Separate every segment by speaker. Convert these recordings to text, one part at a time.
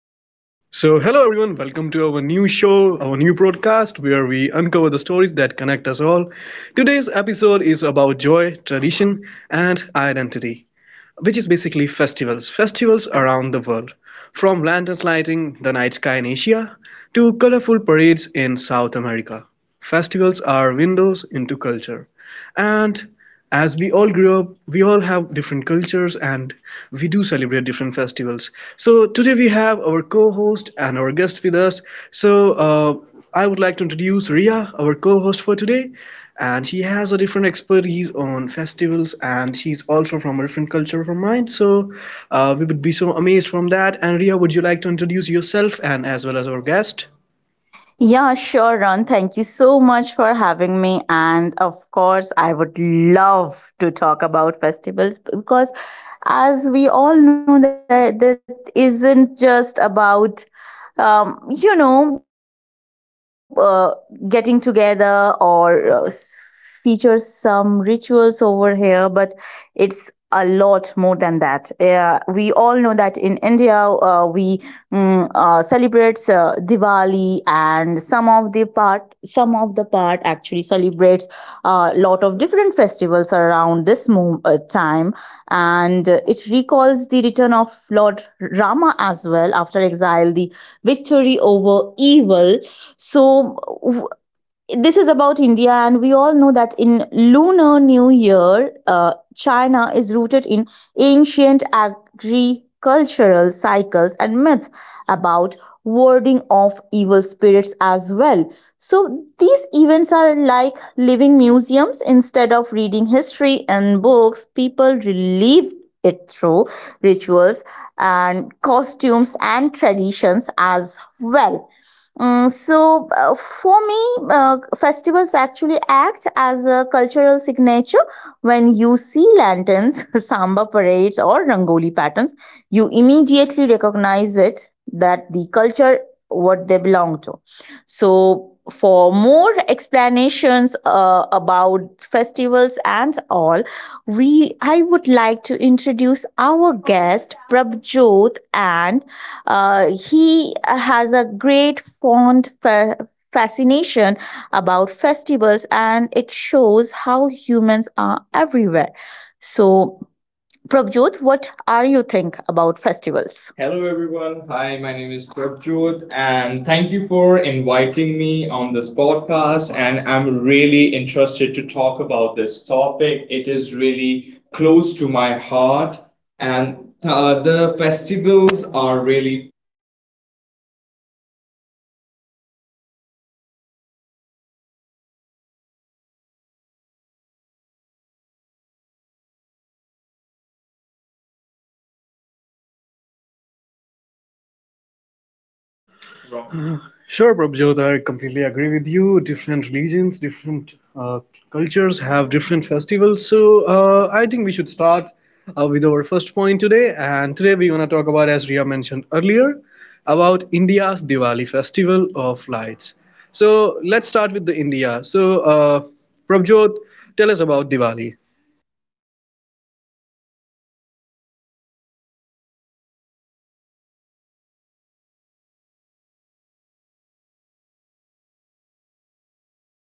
Speaker 1: welcome to our new show, our new broadcast where we uncover the stories that connect us all. Today's episode is about joy, tradition, and identity, which is basically festivals around the world. From lanterns lighting the night sky in Asia to colorful parades in South America, festivals are windows into culture. And as we all grew up, we all have different cultures and we do celebrate different festivals. So today we have our co-host and our guest with us. So uh, I would like to introduce Ria, our co-host for today, and she has a different expertise on festivals and she's also from a different culture from mine. We would be so amazed from that. And Ria, would you like to introduce yourself and as well as our guest?
Speaker 2: Yeah, sure, Ron. Thank you so much for having me. And of course, I would love to talk about festivals because, as we all know, that isn't just about, um, you know, uh, getting together or feature some rituals over here, but it's a lot more than that. Yeah, we all know that in India, we celebrates Diwali, and some of the part actually celebrates a lot of different festivals around this time, and it recalls the return of lord rama as well after exile, the victory over evil. So this is about India, and we all know that in Lunar New Year, China is rooted in ancient agricultural cycles and myths about warding off evil spirits as well. So, these events are like living museums. Instead of reading history and books, people relive it through rituals and costumes and traditions as well. So, for me, festivals actually act as a cultural signature. When you see lanterns, samba parades, or rangoli patterns, you immediately recognize it, that the culture what they belong to. So, for more explanations about festivals and all, we I would like to introduce our guest Prabjot, and he has a great fascination about festivals, and it shows how humans are everywhere. So, Prabjot, what are you think about festivals? Hello everyone. Hi, my name is Prabjot, and thank you for inviting me on this podcast, and I'm really interested to talk about this topic. It is really close to my heart, and the festivals are really
Speaker 1: Sure, Prabhjot, I completely agree with you. Different religions, different cultures have different festivals. So I
Speaker 3: I
Speaker 1: think we
Speaker 3: think we
Speaker 1: should
Speaker 3: should
Speaker 1: start
Speaker 3: start
Speaker 1: with
Speaker 3: with
Speaker 1: our
Speaker 3: our.
Speaker 1: first point today. And today we're going to talk about, as Ria mentioned earlier, about India's Diwali festival of lights. So let's start with the India. Prabhjot, tell us about Diwali.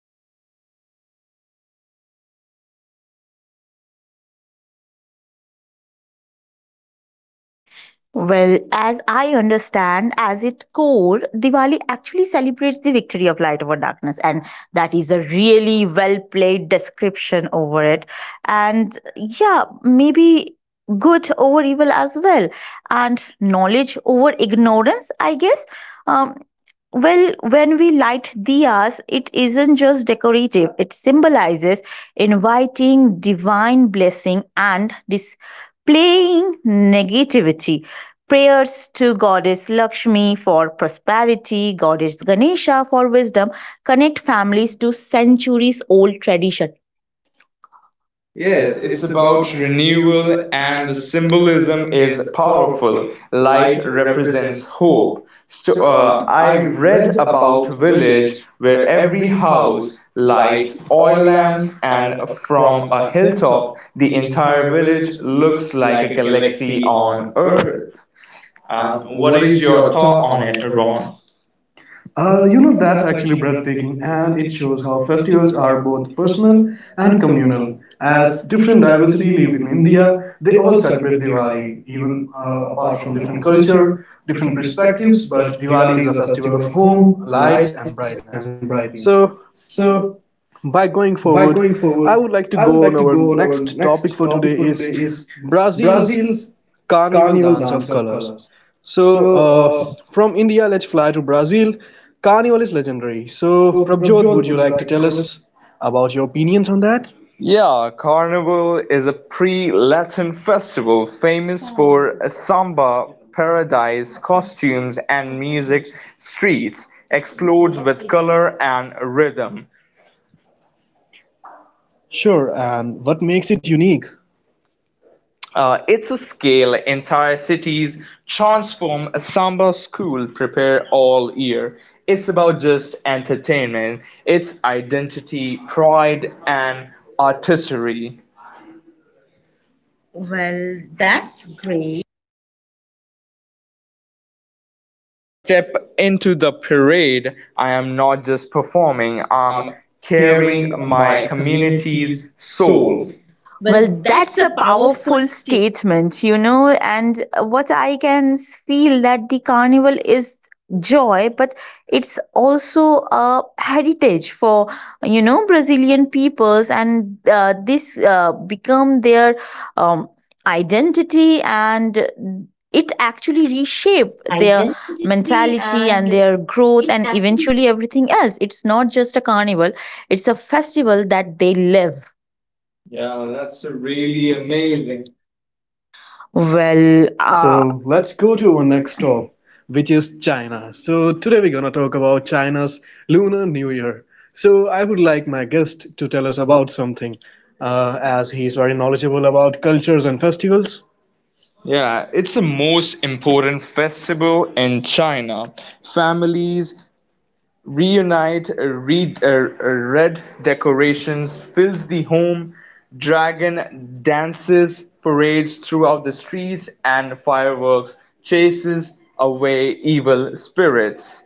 Speaker 3: Lights up the sky. It celebrates the victory of light over darkness, good over evil.
Speaker 2: well,
Speaker 3: Well, as
Speaker 2: as
Speaker 3: I
Speaker 2: I understand,
Speaker 3: understand,
Speaker 2: as
Speaker 3: as it
Speaker 2: its core,
Speaker 3: goes,
Speaker 2: Diwali
Speaker 3: Diwali
Speaker 2: actually
Speaker 3: actually
Speaker 2: celebrates
Speaker 3: celebrates the
Speaker 2: the
Speaker 3: victory
Speaker 2: victory of
Speaker 3: of
Speaker 2: light
Speaker 3: light
Speaker 2: over
Speaker 3: over dark.
Speaker 2: darkness, and that
Speaker 3: That
Speaker 2: is
Speaker 3: is
Speaker 2: a
Speaker 3: a
Speaker 2: really
Speaker 3: really
Speaker 2: well
Speaker 3: well played
Speaker 2: played description
Speaker 3: description
Speaker 2: over
Speaker 3: over
Speaker 2: it.
Speaker 3: it. And
Speaker 2: And yeah,
Speaker 3: yeah, maybe
Speaker 2: maybe
Speaker 3: good
Speaker 2: good over
Speaker 3: over
Speaker 2: evil
Speaker 3: evil
Speaker 2: as
Speaker 3: as
Speaker 2: well,
Speaker 3: well. And
Speaker 2: and knowledge
Speaker 3: knowledge
Speaker 2: over
Speaker 3: over
Speaker 2: ignorance,
Speaker 3: ignorance,
Speaker 2: I
Speaker 3: I guess.
Speaker 2: guess. Um,
Speaker 3: Well,
Speaker 2: well, when
Speaker 3: when
Speaker 2: we
Speaker 3: we light
Speaker 2: light
Speaker 3: diyas,
Speaker 2: diyas,
Speaker 3: it
Speaker 2: it isn't
Speaker 3: isn't
Speaker 2: just
Speaker 3: just decorative,
Speaker 2: decorative, it
Speaker 3: it
Speaker 2: symbolizes
Speaker 3: symbolizes inviting
Speaker 2: inviting divine
Speaker 3: divine
Speaker 2: blessing
Speaker 3: blessing
Speaker 2: and
Speaker 3: and
Speaker 2: displaying
Speaker 3: displaying.
Speaker 2: negativity, prayers to goddess Lakshmi for prosperity, goddess Ganesha for wisdom, connect families to centuries old tradition.
Speaker 1: Yes,
Speaker 2: Yes,
Speaker 1: it's
Speaker 2: it's
Speaker 1: about
Speaker 2: about
Speaker 1: renewal
Speaker 2: renewal
Speaker 1: and the
Speaker 2: and the
Speaker 1: symbolism
Speaker 2: symbolism
Speaker 1: is
Speaker 2: is
Speaker 1: powerful.
Speaker 2: powerful.
Speaker 1: Light
Speaker 2: Light
Speaker 1: represents
Speaker 2: represents
Speaker 1: hope.
Speaker 2: hope.
Speaker 1: I
Speaker 2: I
Speaker 1: read
Speaker 2: read
Speaker 1: about a
Speaker 2: about a
Speaker 1: village
Speaker 2: village
Speaker 1: where
Speaker 2: where
Speaker 1: every
Speaker 2: every
Speaker 1: house
Speaker 2: house
Speaker 1: lights
Speaker 2: lights
Speaker 1: oil
Speaker 2: oil
Speaker 1: lamps
Speaker 2: lamp
Speaker 1: and
Speaker 2: and
Speaker 1: from
Speaker 2: from
Speaker 1: a
Speaker 2: a
Speaker 1: hilltop
Speaker 2: hilltop
Speaker 1: the
Speaker 2: the
Speaker 1: entire
Speaker 2: entire
Speaker 1: village
Speaker 2: village
Speaker 1: looks
Speaker 2: looks
Speaker 1: like a
Speaker 2: like a
Speaker 1: galaxy
Speaker 2: galaxy
Speaker 1: on
Speaker 2: on earth.
Speaker 1: earth. What
Speaker 2: What
Speaker 1: is
Speaker 2: is
Speaker 1: your
Speaker 2: your
Speaker 1: thought
Speaker 2: thought
Speaker 1: on
Speaker 2: on
Speaker 1: it,
Speaker 2: it?
Speaker 1: Ron? You know, that's actually breathtaking, and it shows how festivals are both personal and communal. As different diversity live in India, they all celebrate Diwali, even apart from different culture, different perspectives. But Diwali is a festival of home, lights, and brightness. So by going forward, I would like to go on our next topic for today is Brazil's carnival, dance of colors. so uh, from India, let's fly to Brazil. Carnival is legendary. So Prabjot, would you like to tell us about your opinions on that? Yeah, Carnival is a pre-Latin festival famous for a samba paradise, costumes, and music. Streets explodes with color and rhythm. Sure, and what makes it unique? It's a scale. Entire cities transform. A samba school prepare all year. It's about just entertainment, it's identity, pride, and artistry. Well, that's great. When I step into the parade, I am not just performing, I'm
Speaker 2: I'm
Speaker 1: carrying
Speaker 2: carrying
Speaker 1: my
Speaker 2: my
Speaker 1: community's
Speaker 2: community's
Speaker 1: soul.
Speaker 2: soul. Well,
Speaker 1: Well, that's
Speaker 2: that's a
Speaker 1: a powerful
Speaker 2: powerful
Speaker 1: statement.
Speaker 2: statement, you know, and what I can feel that the carnival is joy, but it's also a heritage for, you know, Brazilian peoples, and this become their um, identity, and it actually reshape their mentality and their growth and eventually everything else. It's not just a carnival, it's a festival that they live. Yeah, that's really amazing. Well,
Speaker 1: So let's go to our next stop, which is China. So today we're gonna talk about China's Lunar New Year. So I would like my guest to tell us about something, as he's very knowledgeable about cultures and festivals. Yeah,
Speaker 3: Yeah, it's
Speaker 1: it's
Speaker 3: the
Speaker 1: the
Speaker 3: most
Speaker 1: most
Speaker 3: important
Speaker 1: important
Speaker 3: festival
Speaker 1: festival in
Speaker 3: in
Speaker 1: China.
Speaker 3: China.
Speaker 1: Families reunite. Red decorations fills the home, dragon dances, parades throughout the streets, and fireworks chases away evil spirits.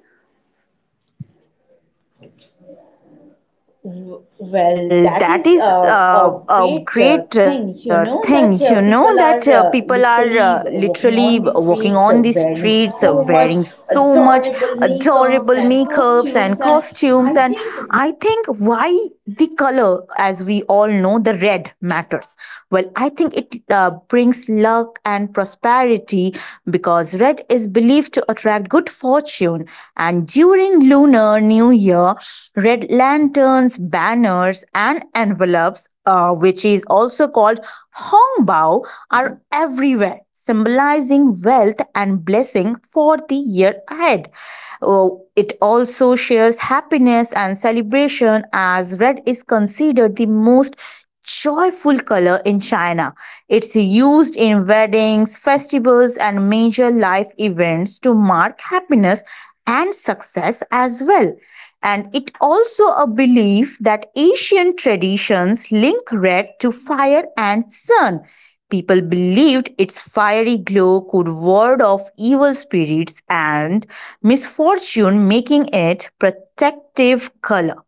Speaker 1: W- Well,
Speaker 2: well,
Speaker 1: that
Speaker 2: that
Speaker 1: is
Speaker 2: is
Speaker 1: uh,
Speaker 2: a
Speaker 1: a great
Speaker 2: great
Speaker 1: uh, thing,
Speaker 2: thing,
Speaker 1: you
Speaker 2: you
Speaker 1: know,
Speaker 2: know,
Speaker 1: that
Speaker 2: that
Speaker 1: people
Speaker 2: people
Speaker 1: are
Speaker 2: are
Speaker 1: literally
Speaker 2: literally
Speaker 1: walking
Speaker 2: walking
Speaker 1: on
Speaker 2: on
Speaker 1: the
Speaker 2: the
Speaker 1: streets
Speaker 2: streets
Speaker 1: wearing
Speaker 2: wearing
Speaker 1: so
Speaker 2: so
Speaker 1: much
Speaker 2: much adorable
Speaker 1: adorable makeups
Speaker 2: makeups
Speaker 1: and
Speaker 2: and
Speaker 1: costumes.
Speaker 2: costumes.
Speaker 1: And
Speaker 2: And
Speaker 1: I
Speaker 2: I think
Speaker 1: think,
Speaker 2: why the color, as we all know, the red matters. Well, I think it brings luck and prosperity because red is believed to attract good fortune. And during Lunar New Year, red lanterns, banners, and envelopes, which is also called hongbao, are everywhere, symbolizing wealth and blessing for the year ahead. Oh, it also shares happiness and celebration, as red is considered the most joyful color in China. It's used in weddings, festivals, and major life events to mark happiness and success as well. And it also a belief that Asian traditions link red to fire and sun. People believed its fiery glow could ward off evil spirits and misfortune, making it protective color.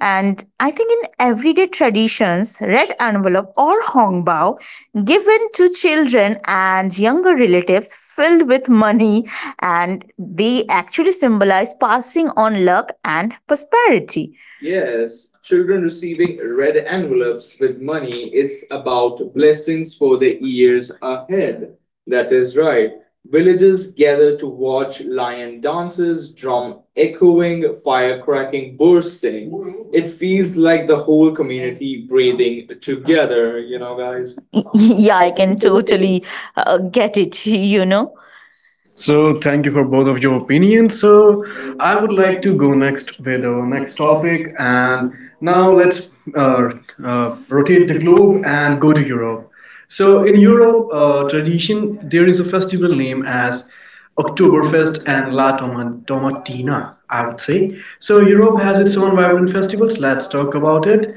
Speaker 2: And I think in everyday traditions, red envelope or hong bao given to children and younger relatives filled with money, and they actually symbolize passing on luck and prosperity.
Speaker 3: Yes,
Speaker 2: Yes, children
Speaker 3: children
Speaker 2: receiving
Speaker 3: receiving
Speaker 2: red
Speaker 3: red envelopes
Speaker 2: envelopes
Speaker 3: with
Speaker 2: with money,
Speaker 3: money, it's
Speaker 2: it's
Speaker 3: about
Speaker 2: about
Speaker 3: blessings
Speaker 2: blessings for
Speaker 3: for
Speaker 2: the
Speaker 3: the
Speaker 2: years
Speaker 3: years ahead.
Speaker 2: ahead.
Speaker 3: That
Speaker 2: That is
Speaker 3: is
Speaker 2: right.
Speaker 3: right. Villages
Speaker 2: Villagers
Speaker 3: gather
Speaker 2: gather
Speaker 3: to
Speaker 2: to
Speaker 3: watch
Speaker 2: watch
Speaker 3: lion
Speaker 2: lion
Speaker 3: dances,
Speaker 2: dances,
Speaker 3: drum
Speaker 2: drum
Speaker 3: echoing,
Speaker 2: echoing, fire
Speaker 3: firecracking
Speaker 2: cracking bursts.
Speaker 3: bursting. It
Speaker 2: It
Speaker 3: feels
Speaker 2: feels
Speaker 3: like
Speaker 2: like
Speaker 3: the
Speaker 2: the whole
Speaker 3: whole community
Speaker 2: community
Speaker 3: breathing
Speaker 2: breathing together,
Speaker 3: together, you
Speaker 2: you know,
Speaker 3: know, guys.
Speaker 2: guys.
Speaker 1: yeah,
Speaker 2: Yeah,
Speaker 1: I
Speaker 2: I can
Speaker 1: can totally.
Speaker 2: totally get it, you know.
Speaker 1: So, thank you for both of your opinions. So, I would like to go next with our next topic, and now let's uh, rotate the globe and go to Europe. So, in Europe, tradition there is a festival named as Oktoberfest and Tomatina, I would say. So, Europe has its own vibrant festivals. Let's talk about it.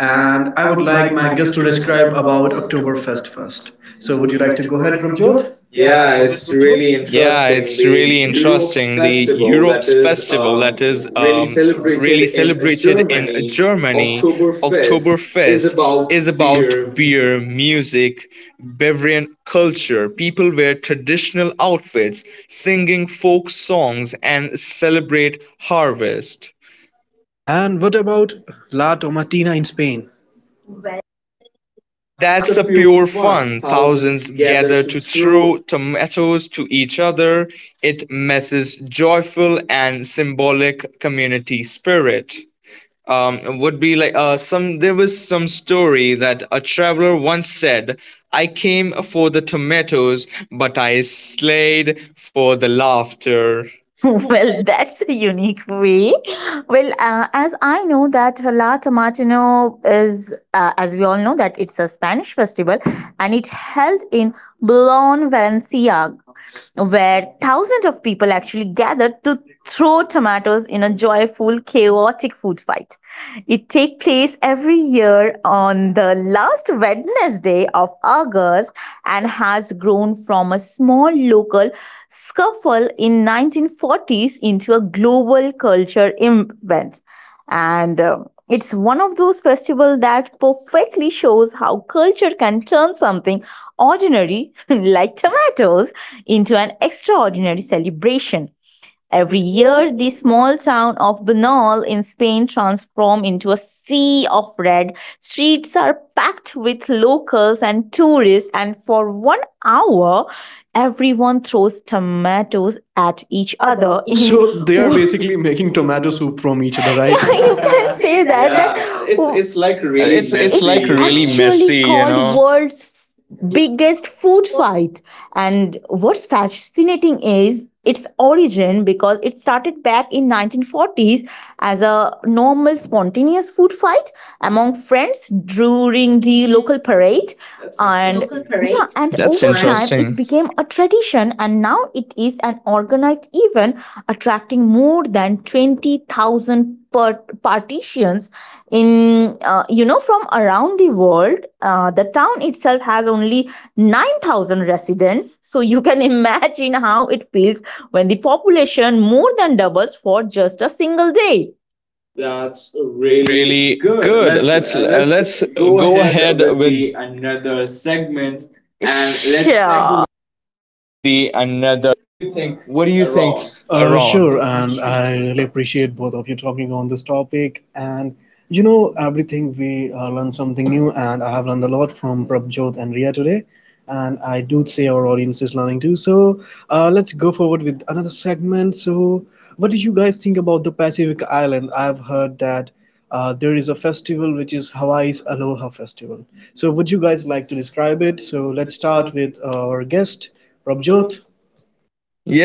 Speaker 1: And I would like my guest to describe about Oktoberfest first. So, would you like to go ahead, Prabjot?
Speaker 3: Yeah,
Speaker 2: Yeah, it's
Speaker 3: it's really
Speaker 2: really interesting.
Speaker 3: interesting. The
Speaker 2: The
Speaker 3: Europe's
Speaker 2: Europe's
Speaker 3: festival
Speaker 2: festival
Speaker 3: that
Speaker 2: that
Speaker 3: is
Speaker 2: is
Speaker 3: really
Speaker 2: really celebrated
Speaker 3: celebrated in
Speaker 2: in
Speaker 3: Germany,
Speaker 2: Germany,
Speaker 3: Oktoberfest,
Speaker 2: Oktoberfest,
Speaker 3: is
Speaker 2: is
Speaker 3: about
Speaker 2: about
Speaker 3: beer,
Speaker 2: beer.
Speaker 3: music, Bavarian culture. People wear traditional outfits, singing folk songs, and celebrate harvest.
Speaker 1: And what about La Tomatina in Spain? Well,
Speaker 2: That's
Speaker 3: That's
Speaker 2: a
Speaker 3: a
Speaker 2: pure
Speaker 3: pure
Speaker 2: fun.
Speaker 3: fun.
Speaker 2: Thousands
Speaker 3: Thousands
Speaker 2: gather
Speaker 3: gather
Speaker 2: to
Speaker 3: to
Speaker 2: throw.
Speaker 3: throw tomatoes to each other. It messes joyful and symbolic community spirit. Would be like some. There was some story that a traveler once said, "I came for the tomatoes, but I slayed for the laughter."
Speaker 2: Well, that's a unique way. Well, as I know that La Tomatino is, as we all know, that it's a Spanish festival, and it held in Boulogne, Valencia, where thousands of people actually gathered to throw tomatoes in a joyful, chaotic food fight. It takes place every year on the last Wednesday of August and has grown from a small local scuffle in 1940s into a global culture event. And it's one of those festivals that perfectly shows how culture can turn something ordinary like tomatoes into an extraordinary celebration.
Speaker 1: every
Speaker 2: Every
Speaker 1: year
Speaker 2: year,
Speaker 1: they
Speaker 2: the
Speaker 1: smoke
Speaker 2: small town of Banal in Spain transforms into a sea of red. Streets are packed with locals and tourists, and for 1 hour, everyone throws tomatoes at
Speaker 1: each
Speaker 2: each
Speaker 1: other
Speaker 2: other
Speaker 1: in.
Speaker 2: in
Speaker 1: So they are basically making tomato soup from each other, right?
Speaker 2: yeah, you can
Speaker 1: say
Speaker 2: say
Speaker 1: that.
Speaker 2: that. Yeah,
Speaker 1: Yeah.
Speaker 2: that
Speaker 3: Yeah,
Speaker 2: yeah,
Speaker 3: it's
Speaker 2: it's
Speaker 3: it's
Speaker 2: like
Speaker 3: like
Speaker 2: really
Speaker 3: really
Speaker 2: messy. It's, you know?
Speaker 3: messy, you know.
Speaker 2: Actually know? Called world's biggest food fight. And what's fascinating is its origin because it started back in 1940s as a normal spontaneous food fight among friends during the local parade. That's
Speaker 3: That's
Speaker 2: and
Speaker 3: interesting.
Speaker 2: yeah, and over time it became a tradition, and now it is an organized event attracting more than 20,000 partitions in, you know, from around the world. The town itself has only 9,000 residents, so you can imagine how it feels when the population more than doubles for just a single day. That's
Speaker 3: That's
Speaker 2: really
Speaker 3: really
Speaker 2: good.
Speaker 3: good.
Speaker 2: Let's
Speaker 3: Let's
Speaker 2: go
Speaker 3: go
Speaker 2: ahead
Speaker 3: ahead
Speaker 2: with
Speaker 3: with
Speaker 2: the
Speaker 3: the
Speaker 2: another
Speaker 3: another
Speaker 2: segment
Speaker 3: segment
Speaker 2: and
Speaker 3: and
Speaker 2: let's
Speaker 3: let's
Speaker 2: yeah.
Speaker 3: segue from this.
Speaker 1: What do you
Speaker 3: What do you
Speaker 1: think?
Speaker 3: think, Aaron?
Speaker 1: Sure, and I really appreciate both of you talking on this topic. And you know, everything we learn something new, and I have learned a lot from Prabjot and Ria today. And I do say our audience is learning too. So let's go forward with another segment. So, what did you guys think about the Pacific Island? I've heard that there is a festival which is Hawaii's Aloha Festival. So, would you guys like to describe it? So, let's start with our guest, Prabjot.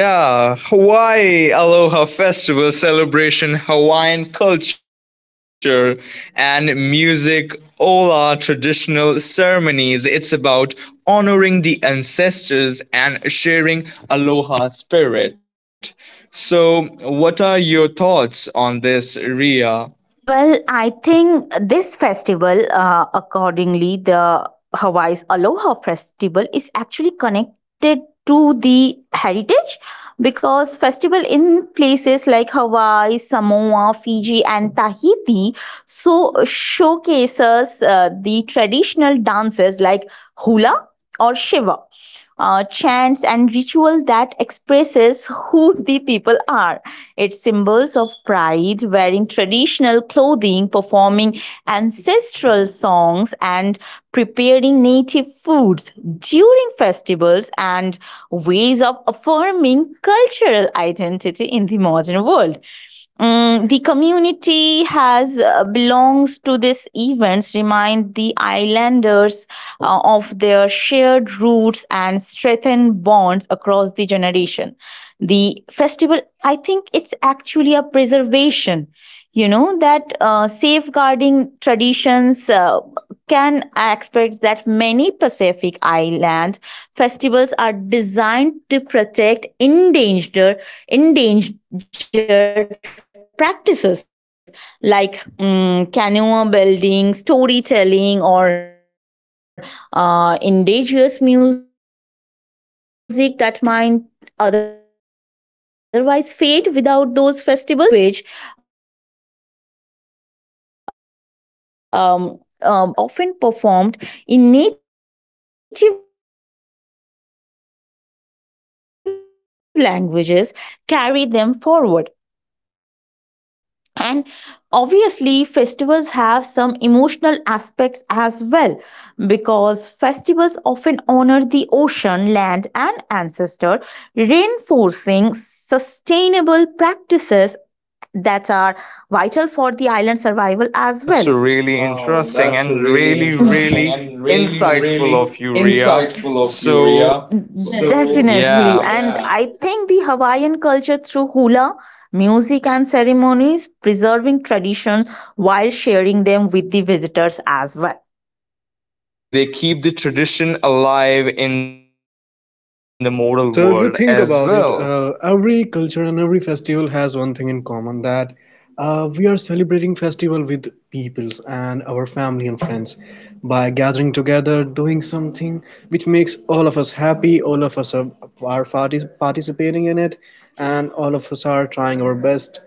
Speaker 3: Yeah, Hawaii Aloha Festival celebration Hawaiian culture and music, ola traditional ceremonies. It's about honoring the ancestors and sharing aloha spirit. So, what are your thoughts on this, Ria?
Speaker 2: Well, I think this festival, accordingly, the Hawaii's Aloha Festival is actually connected to the heritage because festival in places like Hawaii, Samoa, Fiji, and Tahiti so showcases the traditional dances like hula or shiva, chants and ritual that expresses who the people are. It's symbols of pride, wearing traditional clothing, performing ancestral songs, and preparing native foods during festivals, and ways of affirming cultural identity in the modern world. The community has belongs to these events, remind the islanders of their shared roots and strengthen bonds across the generation. The festival, I think, it's actually a preservation, you know, that safeguarding traditions, can expect that many pacific island festivals are designed to protect endangered practices like canoe building, storytelling, or indigenous music that might otherwise fade without those festivals. And we they also actually preserve language. Just by using those songs and chants and prayers are often performed in native languages, helping the younger generations learn and carry them forward, and obviously festivals have some emotional aspects as well because festivals often honor the ocean land and ancestor, reinforcing sustainable practices that are vital for the island survival as well. Wow,
Speaker 3: That's
Speaker 2: that's
Speaker 3: really
Speaker 2: really interesting
Speaker 3: interesting and
Speaker 2: and really,
Speaker 3: really, really
Speaker 2: really insightful
Speaker 3: insightful
Speaker 2: of
Speaker 3: of
Speaker 2: you,
Speaker 3: you,
Speaker 2: Ria.
Speaker 3: Ria.
Speaker 2: So,
Speaker 3: So, definitely.
Speaker 2: definitely. And yeah.
Speaker 3: Yeah.
Speaker 2: I
Speaker 3: Yeah.
Speaker 2: think the Hawaiian culture through hula, music, and ceremonies, preserving traditions while sharing them with the visitors as well.
Speaker 3: So, exactly, they keep the tradition alive in the modal world as well.
Speaker 1: So if you think about it, every culture and every festival has one thing in common, that we are celebrating festival with peoples and our family and friends by gathering together, doing something which makes all of us happy. All of us are, participating in it, and all of us are trying our best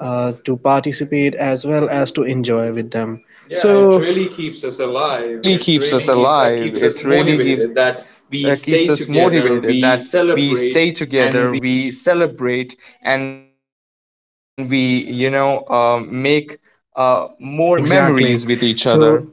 Speaker 1: to participate as well as to enjoy with them. Yeah, it. So, really keeps us
Speaker 3: Yeah, it
Speaker 1: alive.
Speaker 3: really
Speaker 1: It
Speaker 3: keeps us
Speaker 1: really
Speaker 3: alive.
Speaker 1: keeps us
Speaker 3: It really gives,
Speaker 1: motivated that
Speaker 3: keeps us
Speaker 1: we stay
Speaker 3: motivated that
Speaker 1: together,
Speaker 3: we
Speaker 1: we
Speaker 3: stay together,
Speaker 1: celebrate,
Speaker 3: we
Speaker 1: and we.
Speaker 3: celebrate, and we, you know, make more memories with each other.
Speaker 1: Exactly. So,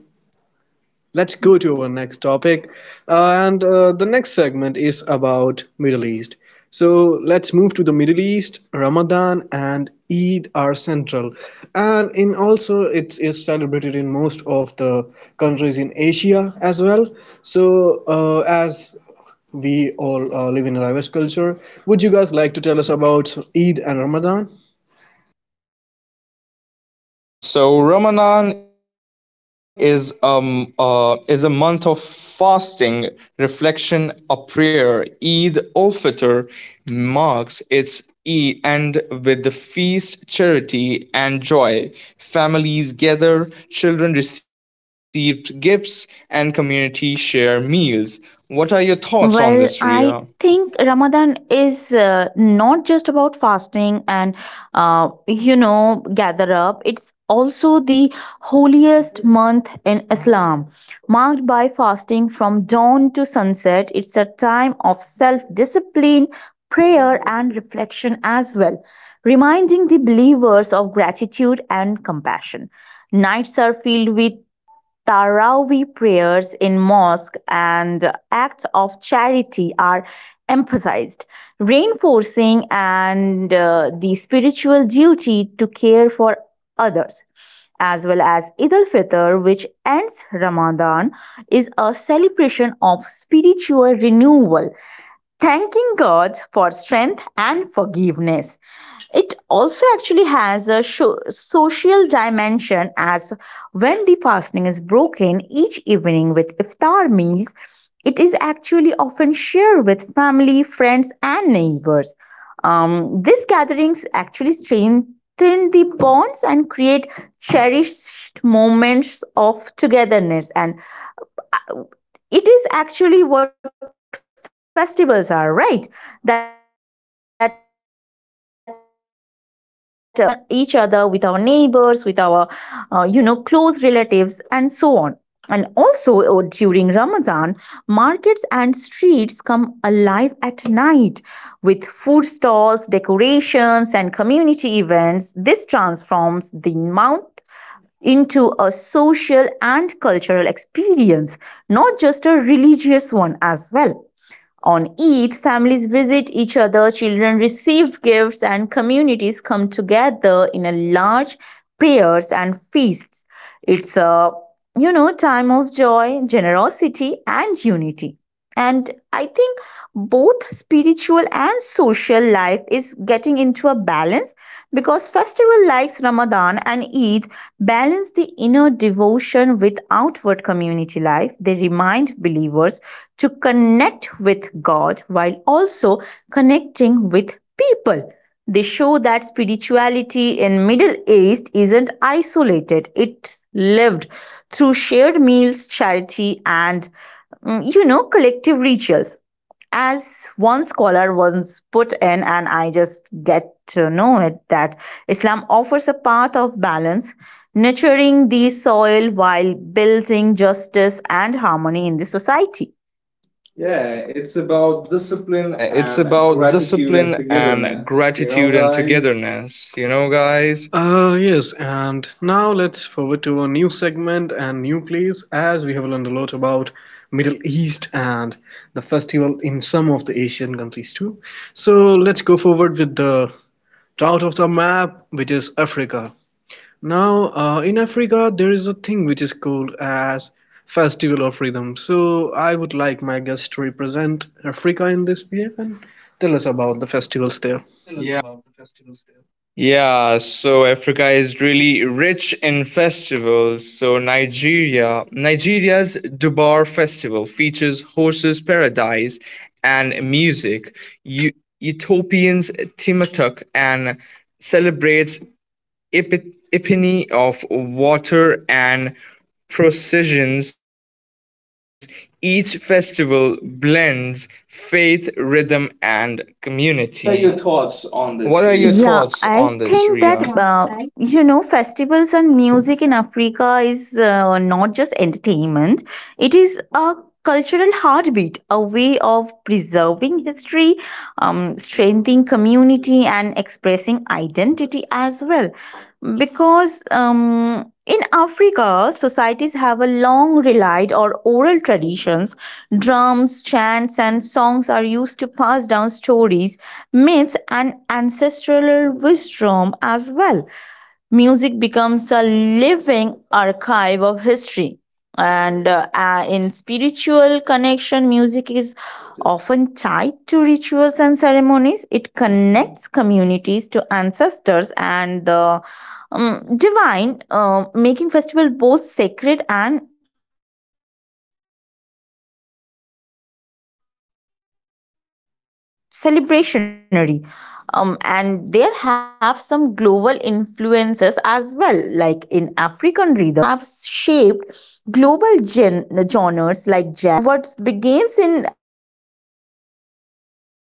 Speaker 1: let's go to our next topic. And the next segment is about Middle East. So let's move to the Middle East. Ramadan and Eid are central. And in also it is celebrated in most of the countries in Asia as well. So as we all live in a diverse culture, would you guys like to tell us about Eid and Ramadan?
Speaker 3: Yeah, so Ramadan is a month of fasting, reflection, a prayer. Eid al Fitr marks its Eid and with the feast, charity and joy. Families gather, children receive gifts, and community share meals. What are your thoughts on this, Ria?
Speaker 2: Well, I think Ramadan is not just about fasting and, gather up. It's also the holiest month in Islam, marked by fasting from dawn to sunset. It's a time of self discipline, prayer, and reflection as well, reminding the believers of gratitude and compassion. Nights are filled with Taraweeh prayers in mosque, and acts of charity are emphasized, reinforcing and the spiritual duty to care for others. As well as Eid al Fitr, which ends Ramadan, is a celebration of spiritual renewal, thanking God for strength and forgiveness. It also actually has a social dimension as when the fasting is broken each evening with iftar meals, it is actually often shared with family, friends, and neighbors. These gatherings actually strengthen the bonds and create cherished moments of togetherness, and it is actually what festivals are, right? That we are getting together, we are celebrating something with each and each other, with our neighbors, with our, close relatives, and so on. And also during Ramadan, markets and streets come alive at night with food stalls, decorations, and community events. This transforms the month into a social and cultural experience, not just a religious one as well. On Eid, families visit each other, children receive gifts, and communities come together in a large prayers and feasts. It's a, you know, time of joy, generosity, and unity. And I think both spiritual and social life is getting into a balance because festival like Ramadan and Eid balance the inner devotion with outward community life. They remind believers to connect with God while also connecting with people. They show that spirituality in Middle East isn't isolated. It's lived through shared meals, charity and collective rituals. As one scholar once put in and I just get to know it that Islam offers a path of balance, nurturing the soil while building justice and harmony in the society. Yeah, it's about discipline
Speaker 3: Yeah, it's
Speaker 2: and
Speaker 3: about
Speaker 2: gratitude and
Speaker 3: discipline and
Speaker 2: togetherness, you know,
Speaker 3: gratitude and
Speaker 2: guys?
Speaker 3: togetherness. You know, guys.
Speaker 1: Yes, and now let's forward to a new segment and new place as we have learned a lot about Middle East and the festival in some of the Asian countries too. So let's go forward with the route of the map, which is Africa. Now, in Africa, there is a thing which is called as Festival of Rhythm. So I would like my guest to represent Africa in this way and tell us about the festivals there.
Speaker 3: Yeah, so Africa is really rich in festivals. So Nigeria's Dubar Festival features horses paradise and music. Utopians Timatuk and celebrates epiphany of water and processions. Each festival blends faith, rhythm, and community.
Speaker 2: What are your thoughts on
Speaker 3: What
Speaker 2: this,
Speaker 3: are
Speaker 2: Ria?
Speaker 3: your
Speaker 2: Yeah,
Speaker 3: thoughts
Speaker 2: I
Speaker 3: on this,
Speaker 2: think
Speaker 3: Ria?
Speaker 2: that festivals and music in Africa is not just entertainment. It is a cultural heartbeat, a way of preserving history, strengthening community, and expressing identity as well. Because in Africa, societies have a long relied or oral traditions. Drums, chants, and songs are used to pass down stories, myths and ancestral wisdom as well. Music becomes a living archive of history, and in spiritual connection music is often tied to rituals and ceremonies. It connects communities to ancestors and the divine, making festival both sacred and celebrationary. And there have some global influences as well, like in African rhythms have shaped global genres like jazz, reggae, hip hop, and electronic music. What begins in as a local festival often echoes worldwide right now.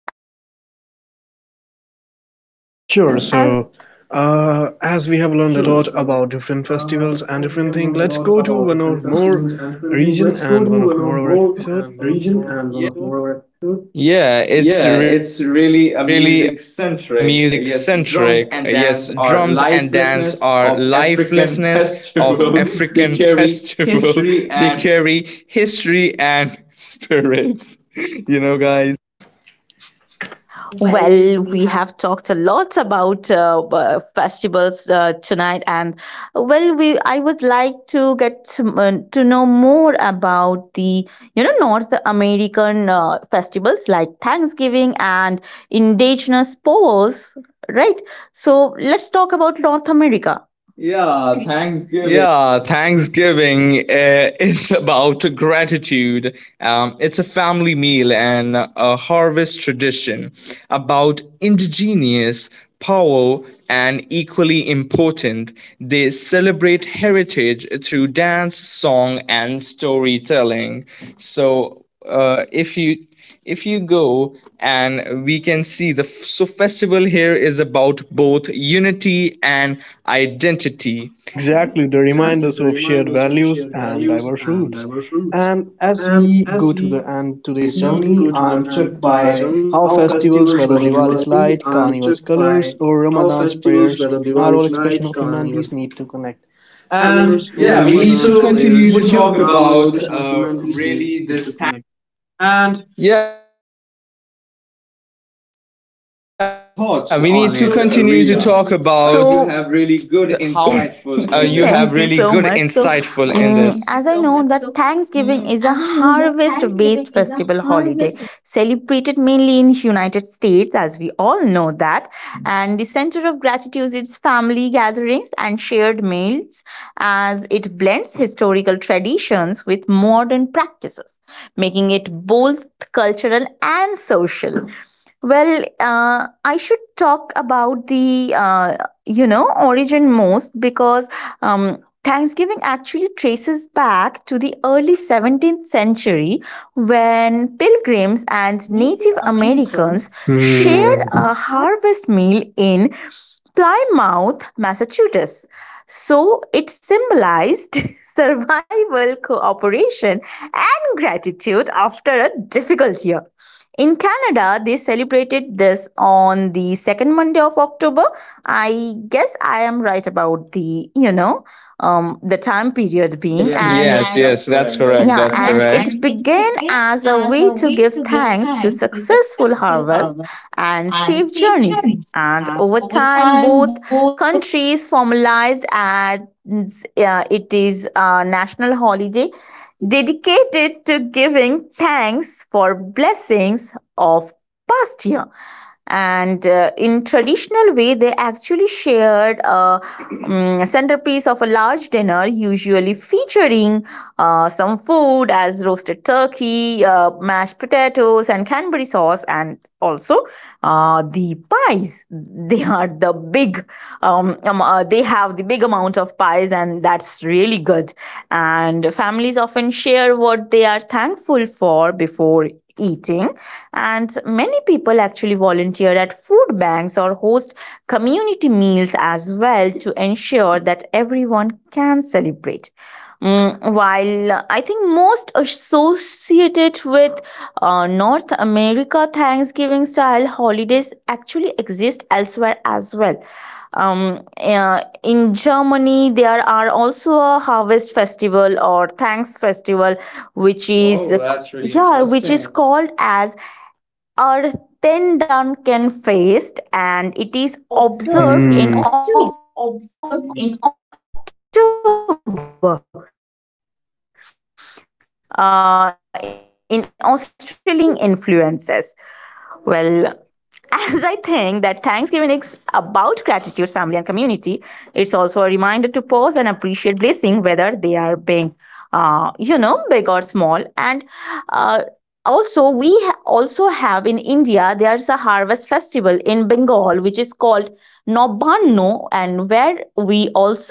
Speaker 1: Sure. So, as we have learned a lot about different festivals and different things, let's go to one or more region and one of more our episode. Yeah.
Speaker 2: Yeah, it's really a
Speaker 3: Yeah, it's
Speaker 2: music
Speaker 3: really a
Speaker 2: centric.
Speaker 3: music
Speaker 2: Yes, drums
Speaker 3: centric.
Speaker 2: and
Speaker 3: Yes,
Speaker 2: dance
Speaker 3: drums
Speaker 2: are
Speaker 3: and dance are
Speaker 2: lifelessness of
Speaker 3: lifelessness
Speaker 2: African
Speaker 3: of African
Speaker 2: festivals. They
Speaker 3: festival.
Speaker 2: carry
Speaker 3: They
Speaker 2: history
Speaker 3: carry
Speaker 2: and
Speaker 3: history and spirits. You know, guys.
Speaker 1: So, well,
Speaker 2: well,
Speaker 1: we
Speaker 2: we
Speaker 1: have
Speaker 2: have talked a lot about festivals tonight, and well, we I would like to get to know more about the North American festivals like Thanksgiving and indigenous powwows, right? So let's talk about North America. Yeah, Thanksgiving.
Speaker 3: Yeah, Thanksgiving is about gratitude. It's a family meal and a harvest tradition about indigenous power and equally important, they celebrate heritage through dance, song, and storytelling. So, uh, if you if you go and we can see the so festival here is about both unity and
Speaker 2: Identity.
Speaker 3: identity.
Speaker 1: exactly, they remind us of shared values and diverse roots. And as we go to the end today's journey, I am struck by how festivals, whether Diwali's light, Carnival's colors, or Ramadan's prayers, are all expression of humanity's need to connect. And yeah,
Speaker 2: Yeah,
Speaker 1: we
Speaker 2: we
Speaker 1: need so, to
Speaker 2: need to
Speaker 1: so, continue to would
Speaker 2: know
Speaker 1: talk you about
Speaker 2: about
Speaker 1: really this. Time.
Speaker 2: your
Speaker 3: Yeah,
Speaker 2: thoughts
Speaker 3: we need
Speaker 2: on
Speaker 3: to
Speaker 2: it,
Speaker 3: continue to
Speaker 2: Ria.
Speaker 3: talk
Speaker 2: So,
Speaker 3: about
Speaker 2: you, have really good
Speaker 3: really this
Speaker 2: insightful in this.
Speaker 3: Thanksgiving,
Speaker 2: Thank you so much.
Speaker 3: That
Speaker 2: So,
Speaker 3: Thanksgiving, how
Speaker 2: as I know that
Speaker 3: people celebrate.
Speaker 2: Thanksgiving is
Speaker 3: What
Speaker 2: a
Speaker 3: are your thoughts on
Speaker 2: harvest-based
Speaker 3: it,
Speaker 2: festival
Speaker 3: Ria?
Speaker 2: holiday
Speaker 3: You have
Speaker 2: celebrated
Speaker 3: really
Speaker 2: mainly
Speaker 3: good,
Speaker 2: in United
Speaker 3: insightful
Speaker 2: States,
Speaker 3: in
Speaker 2: as we
Speaker 3: this.
Speaker 2: all know that. And the center of gratitude is family gatherings and shared meals, as it blends historical traditions with modern practices, making it both cultural and social. Well, I should talk about the origin most, because Thanksgiving actually traces back to the early 17th century when pilgrims and
Speaker 1: As Native
Speaker 2: Native
Speaker 1: Americans
Speaker 2: Americans shared
Speaker 1: share. Hmm.
Speaker 2: Mm. a
Speaker 1: How
Speaker 2: harvest meal in Plymouth, Massachusetts. So it symbolized survival, cooperation, and gratitude after a difficult year. In Canada, they celebrated this on the second Monday of October. I guess I am right about the, you know, the time period being. Yes, and yes,
Speaker 3: Yes,
Speaker 2: that's
Speaker 3: yes, that's
Speaker 2: correct. That's,
Speaker 3: correct.
Speaker 2: yeah, correct.
Speaker 3: That's
Speaker 2: And
Speaker 3: correct.
Speaker 2: it began as a way to give thanks to successful harvest and safe journeys. And over time, both countries formalized as it is a national holiday dedicated to giving thanks for blessings of past year. And in traditional way they actually shared a centerpiece of a large dinner, usually featuring some food as roasted turkey, mashed potatoes and canberry sauce, and also the pies. They are the big they have the big amount of pies and that's really good. And families often share what they are thankful for before eating, and many people actually volunteer at food banks or host community meals as well to ensure that everyone can celebrate. While I think most associated with North America, Thanksgiving style holidays actually exist elsewhere as well. In Germany, there are also a harvest festival or thanks festival, which is,
Speaker 3: Oh,
Speaker 2: oh,
Speaker 3: that's
Speaker 2: that's really,
Speaker 3: really
Speaker 2: yeah, which is
Speaker 3: interesting.
Speaker 2: interesting, called as are then Duncan faced, and it
Speaker 1: they
Speaker 2: is
Speaker 1: observe
Speaker 2: observed in
Speaker 1: in. Hmm. October.
Speaker 2: October. In Australia, they celebrate Thanksgiving due to American whaling influences. Well, as I think that Thanksgiving is about gratitude, family, and community, it's also a reminder to pause and appreciate blessings, whether they are being, you know, big or small. And uh, also also have in India there's a harvest festival in Bengal which is called Nobanno, and where we also,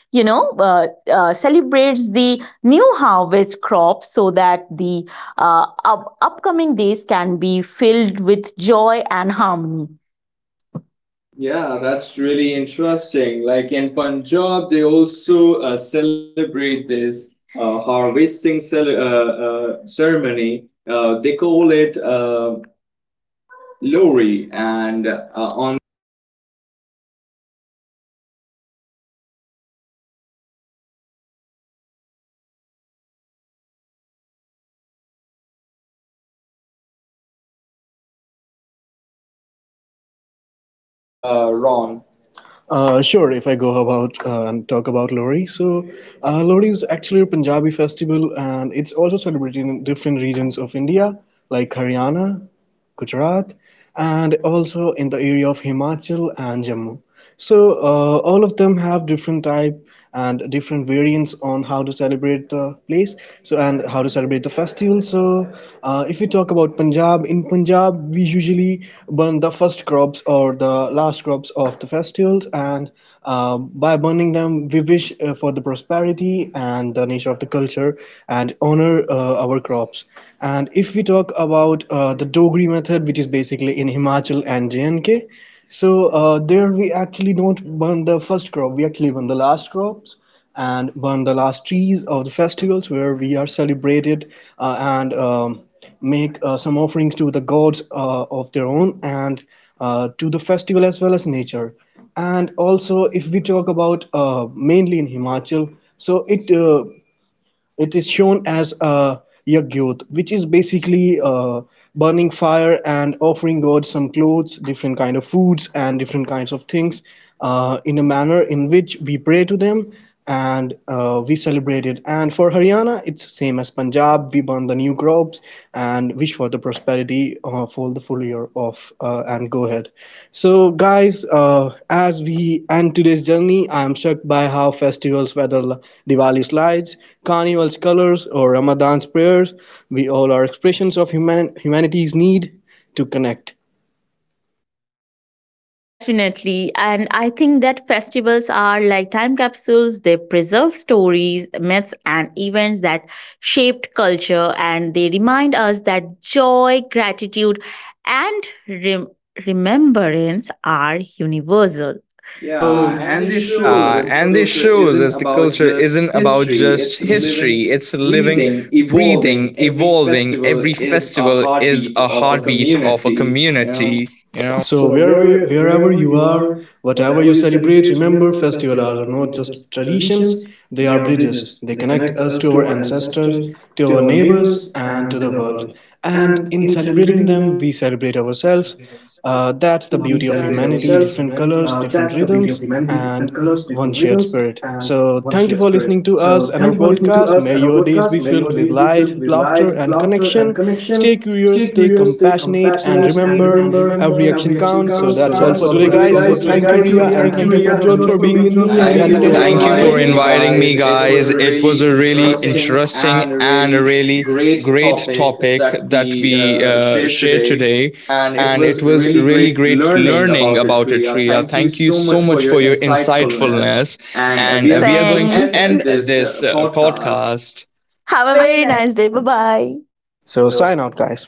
Speaker 2: you know uh, celebrates the new harvest crop so that the upcoming days can be filled with joy and harmony. Yeah,
Speaker 3: Yeah,
Speaker 2: that's
Speaker 3: that's
Speaker 2: really
Speaker 3: really
Speaker 2: interesting.
Speaker 3: interesting.
Speaker 2: Like in
Speaker 3: Like in
Speaker 2: Punjab, they
Speaker 3: Punjab, they
Speaker 2: also
Speaker 3: also
Speaker 2: celebrate
Speaker 3: celebrate
Speaker 2: this
Speaker 3: this
Speaker 2: harvesting
Speaker 3: harvesting
Speaker 2: ceremony.
Speaker 3: ceremony.
Speaker 2: They
Speaker 3: They
Speaker 2: call
Speaker 3: call
Speaker 2: it
Speaker 3: it
Speaker 2: Lori,
Speaker 3: Lori,
Speaker 2: and
Speaker 3: and
Speaker 2: on
Speaker 3: on the festival of Lori and Basant Panchami, we they celebrate it by burning the dead crops and and the what are your insights on it,
Speaker 1: Ron.
Speaker 3: Ron?
Speaker 1: Sure, if I go about and talk about Lohri, so, Lori is actually a Punjabi festival and it's also celebrated in different regions of India like Haryana, Gujarat, and also in the area of Himachal and Jammu. So all of them have different type and different variants on how to celebrate the place. So, and how to celebrate the festival. So if we talk about Punjab, in Punjab we usually burn the first crops or the last crops of the festivals, and by burning them we wish for the prosperity and the nature of the culture and honor our crops. And if we talk about the Dogri method, which is basically in Himachal and JNK. So there we actually don't burn the first crop, we actually burn the last crops and burn the last trees of the festivals where we are celebrated and make some offerings to the gods of their own and to the festival as well as nature. And also, if we talk about mainly in Himachal, so it is shown as a "yagyot", which is basically burning fire and offering God some clothes, different kind of foods, and different kinds of things in a manner in which we pray to them and we celebrate it. And for Haryana, it's same as Punjab. We burn the new crops and wish for the prosperity for the full year of and go ahead. So guys, as we end today's journey, I am struck by how festivals, whether Diwali's lights, Carnival's colors, or Ramadan's prayers, we all are expressions of humanity's need to connect.
Speaker 2: definitely. And I think that festivals are like time capsules. They preserve stories, myths, and events that shaped culture. And they remind us that joy, gratitude, and remembrance are universal.
Speaker 1: Yeah, so
Speaker 2: Yeah,
Speaker 3: Yeah,
Speaker 1: and
Speaker 3: so,
Speaker 2: and
Speaker 1: this
Speaker 2: this
Speaker 3: and this
Speaker 1: shows
Speaker 2: shows
Speaker 1: us the.
Speaker 2: that
Speaker 3: shows
Speaker 2: the
Speaker 3: us the
Speaker 2: culture
Speaker 3: culture
Speaker 2: isn't
Speaker 3: isn't
Speaker 2: about
Speaker 3: about
Speaker 2: just
Speaker 3: just
Speaker 2: history,
Speaker 3: history,
Speaker 2: it's
Speaker 3: it's
Speaker 2: living,
Speaker 3: living,
Speaker 2: breathing,
Speaker 3: breathing,
Speaker 2: evolving.
Speaker 3: evolving.
Speaker 2: Every
Speaker 3: Every
Speaker 2: festival
Speaker 3: festival
Speaker 2: is
Speaker 3: is
Speaker 2: a
Speaker 3: a
Speaker 2: heartbeat
Speaker 3: heartbeat
Speaker 2: of a
Speaker 3: of a
Speaker 2: community,
Speaker 3: community,
Speaker 2: you
Speaker 3: you
Speaker 2: know.
Speaker 3: know?
Speaker 1: So where, wherever you are, whatever you celebrate, remember festivals are not just traditions, they are bridges. They connect us to our ancestors, to our neighbors, and to the world. And in celebrating them, we celebrate ourselves. That's the beauty of humanity, different colors, different rhythms, and one shared spirit. So, thank you for listening to us and our podcast. May your days be filled with light, laughter, and connection. Stay curious, stay compassionate, and remember every action counts. So, that's all for today, guys. So, thank you, Ria, and thank you, Prabjot, for being with me. Thank and you for
Speaker 3: Thank you
Speaker 1: entertaining our
Speaker 3: for
Speaker 1: inviting me audience.
Speaker 3: inviting me,
Speaker 1: Guys,
Speaker 2: Guys,
Speaker 1: it
Speaker 3: guys.
Speaker 1: was,
Speaker 2: if
Speaker 1: so, a
Speaker 3: It was a
Speaker 1: really
Speaker 2: really
Speaker 3: really
Speaker 1: interesting.
Speaker 2: interesting
Speaker 3: interesting
Speaker 2: and
Speaker 3: and a
Speaker 2: really
Speaker 3: really
Speaker 2: great
Speaker 3: great
Speaker 2: topic
Speaker 3: topic
Speaker 2: that
Speaker 3: that
Speaker 2: we
Speaker 3: we
Speaker 2: shared
Speaker 3: shared
Speaker 2: today.
Speaker 3: today.
Speaker 2: And it
Speaker 3: And it
Speaker 2: was
Speaker 3: was
Speaker 2: really
Speaker 3: really
Speaker 2: great
Speaker 3: great
Speaker 2: learning
Speaker 3: learning
Speaker 2: about it,
Speaker 3: about it,
Speaker 2: Shreya.
Speaker 3: Ria.
Speaker 2: Thank you
Speaker 3: Thank you
Speaker 2: so
Speaker 3: so
Speaker 2: much for
Speaker 3: much
Speaker 2: your
Speaker 3: for your
Speaker 2: insightfulness.
Speaker 3: insightfulness.
Speaker 2: And
Speaker 3: And
Speaker 2: we are,
Speaker 3: we are
Speaker 2: thanks,
Speaker 3: going
Speaker 2: going to
Speaker 3: to
Speaker 2: end
Speaker 3: end
Speaker 2: this
Speaker 3: this
Speaker 2: podcast.
Speaker 3: podcast.
Speaker 2: Have
Speaker 1: Have a
Speaker 2: a
Speaker 1: very
Speaker 2: very
Speaker 1: nice,
Speaker 2: nice day. Bye bye.
Speaker 1: so, sign out, guys.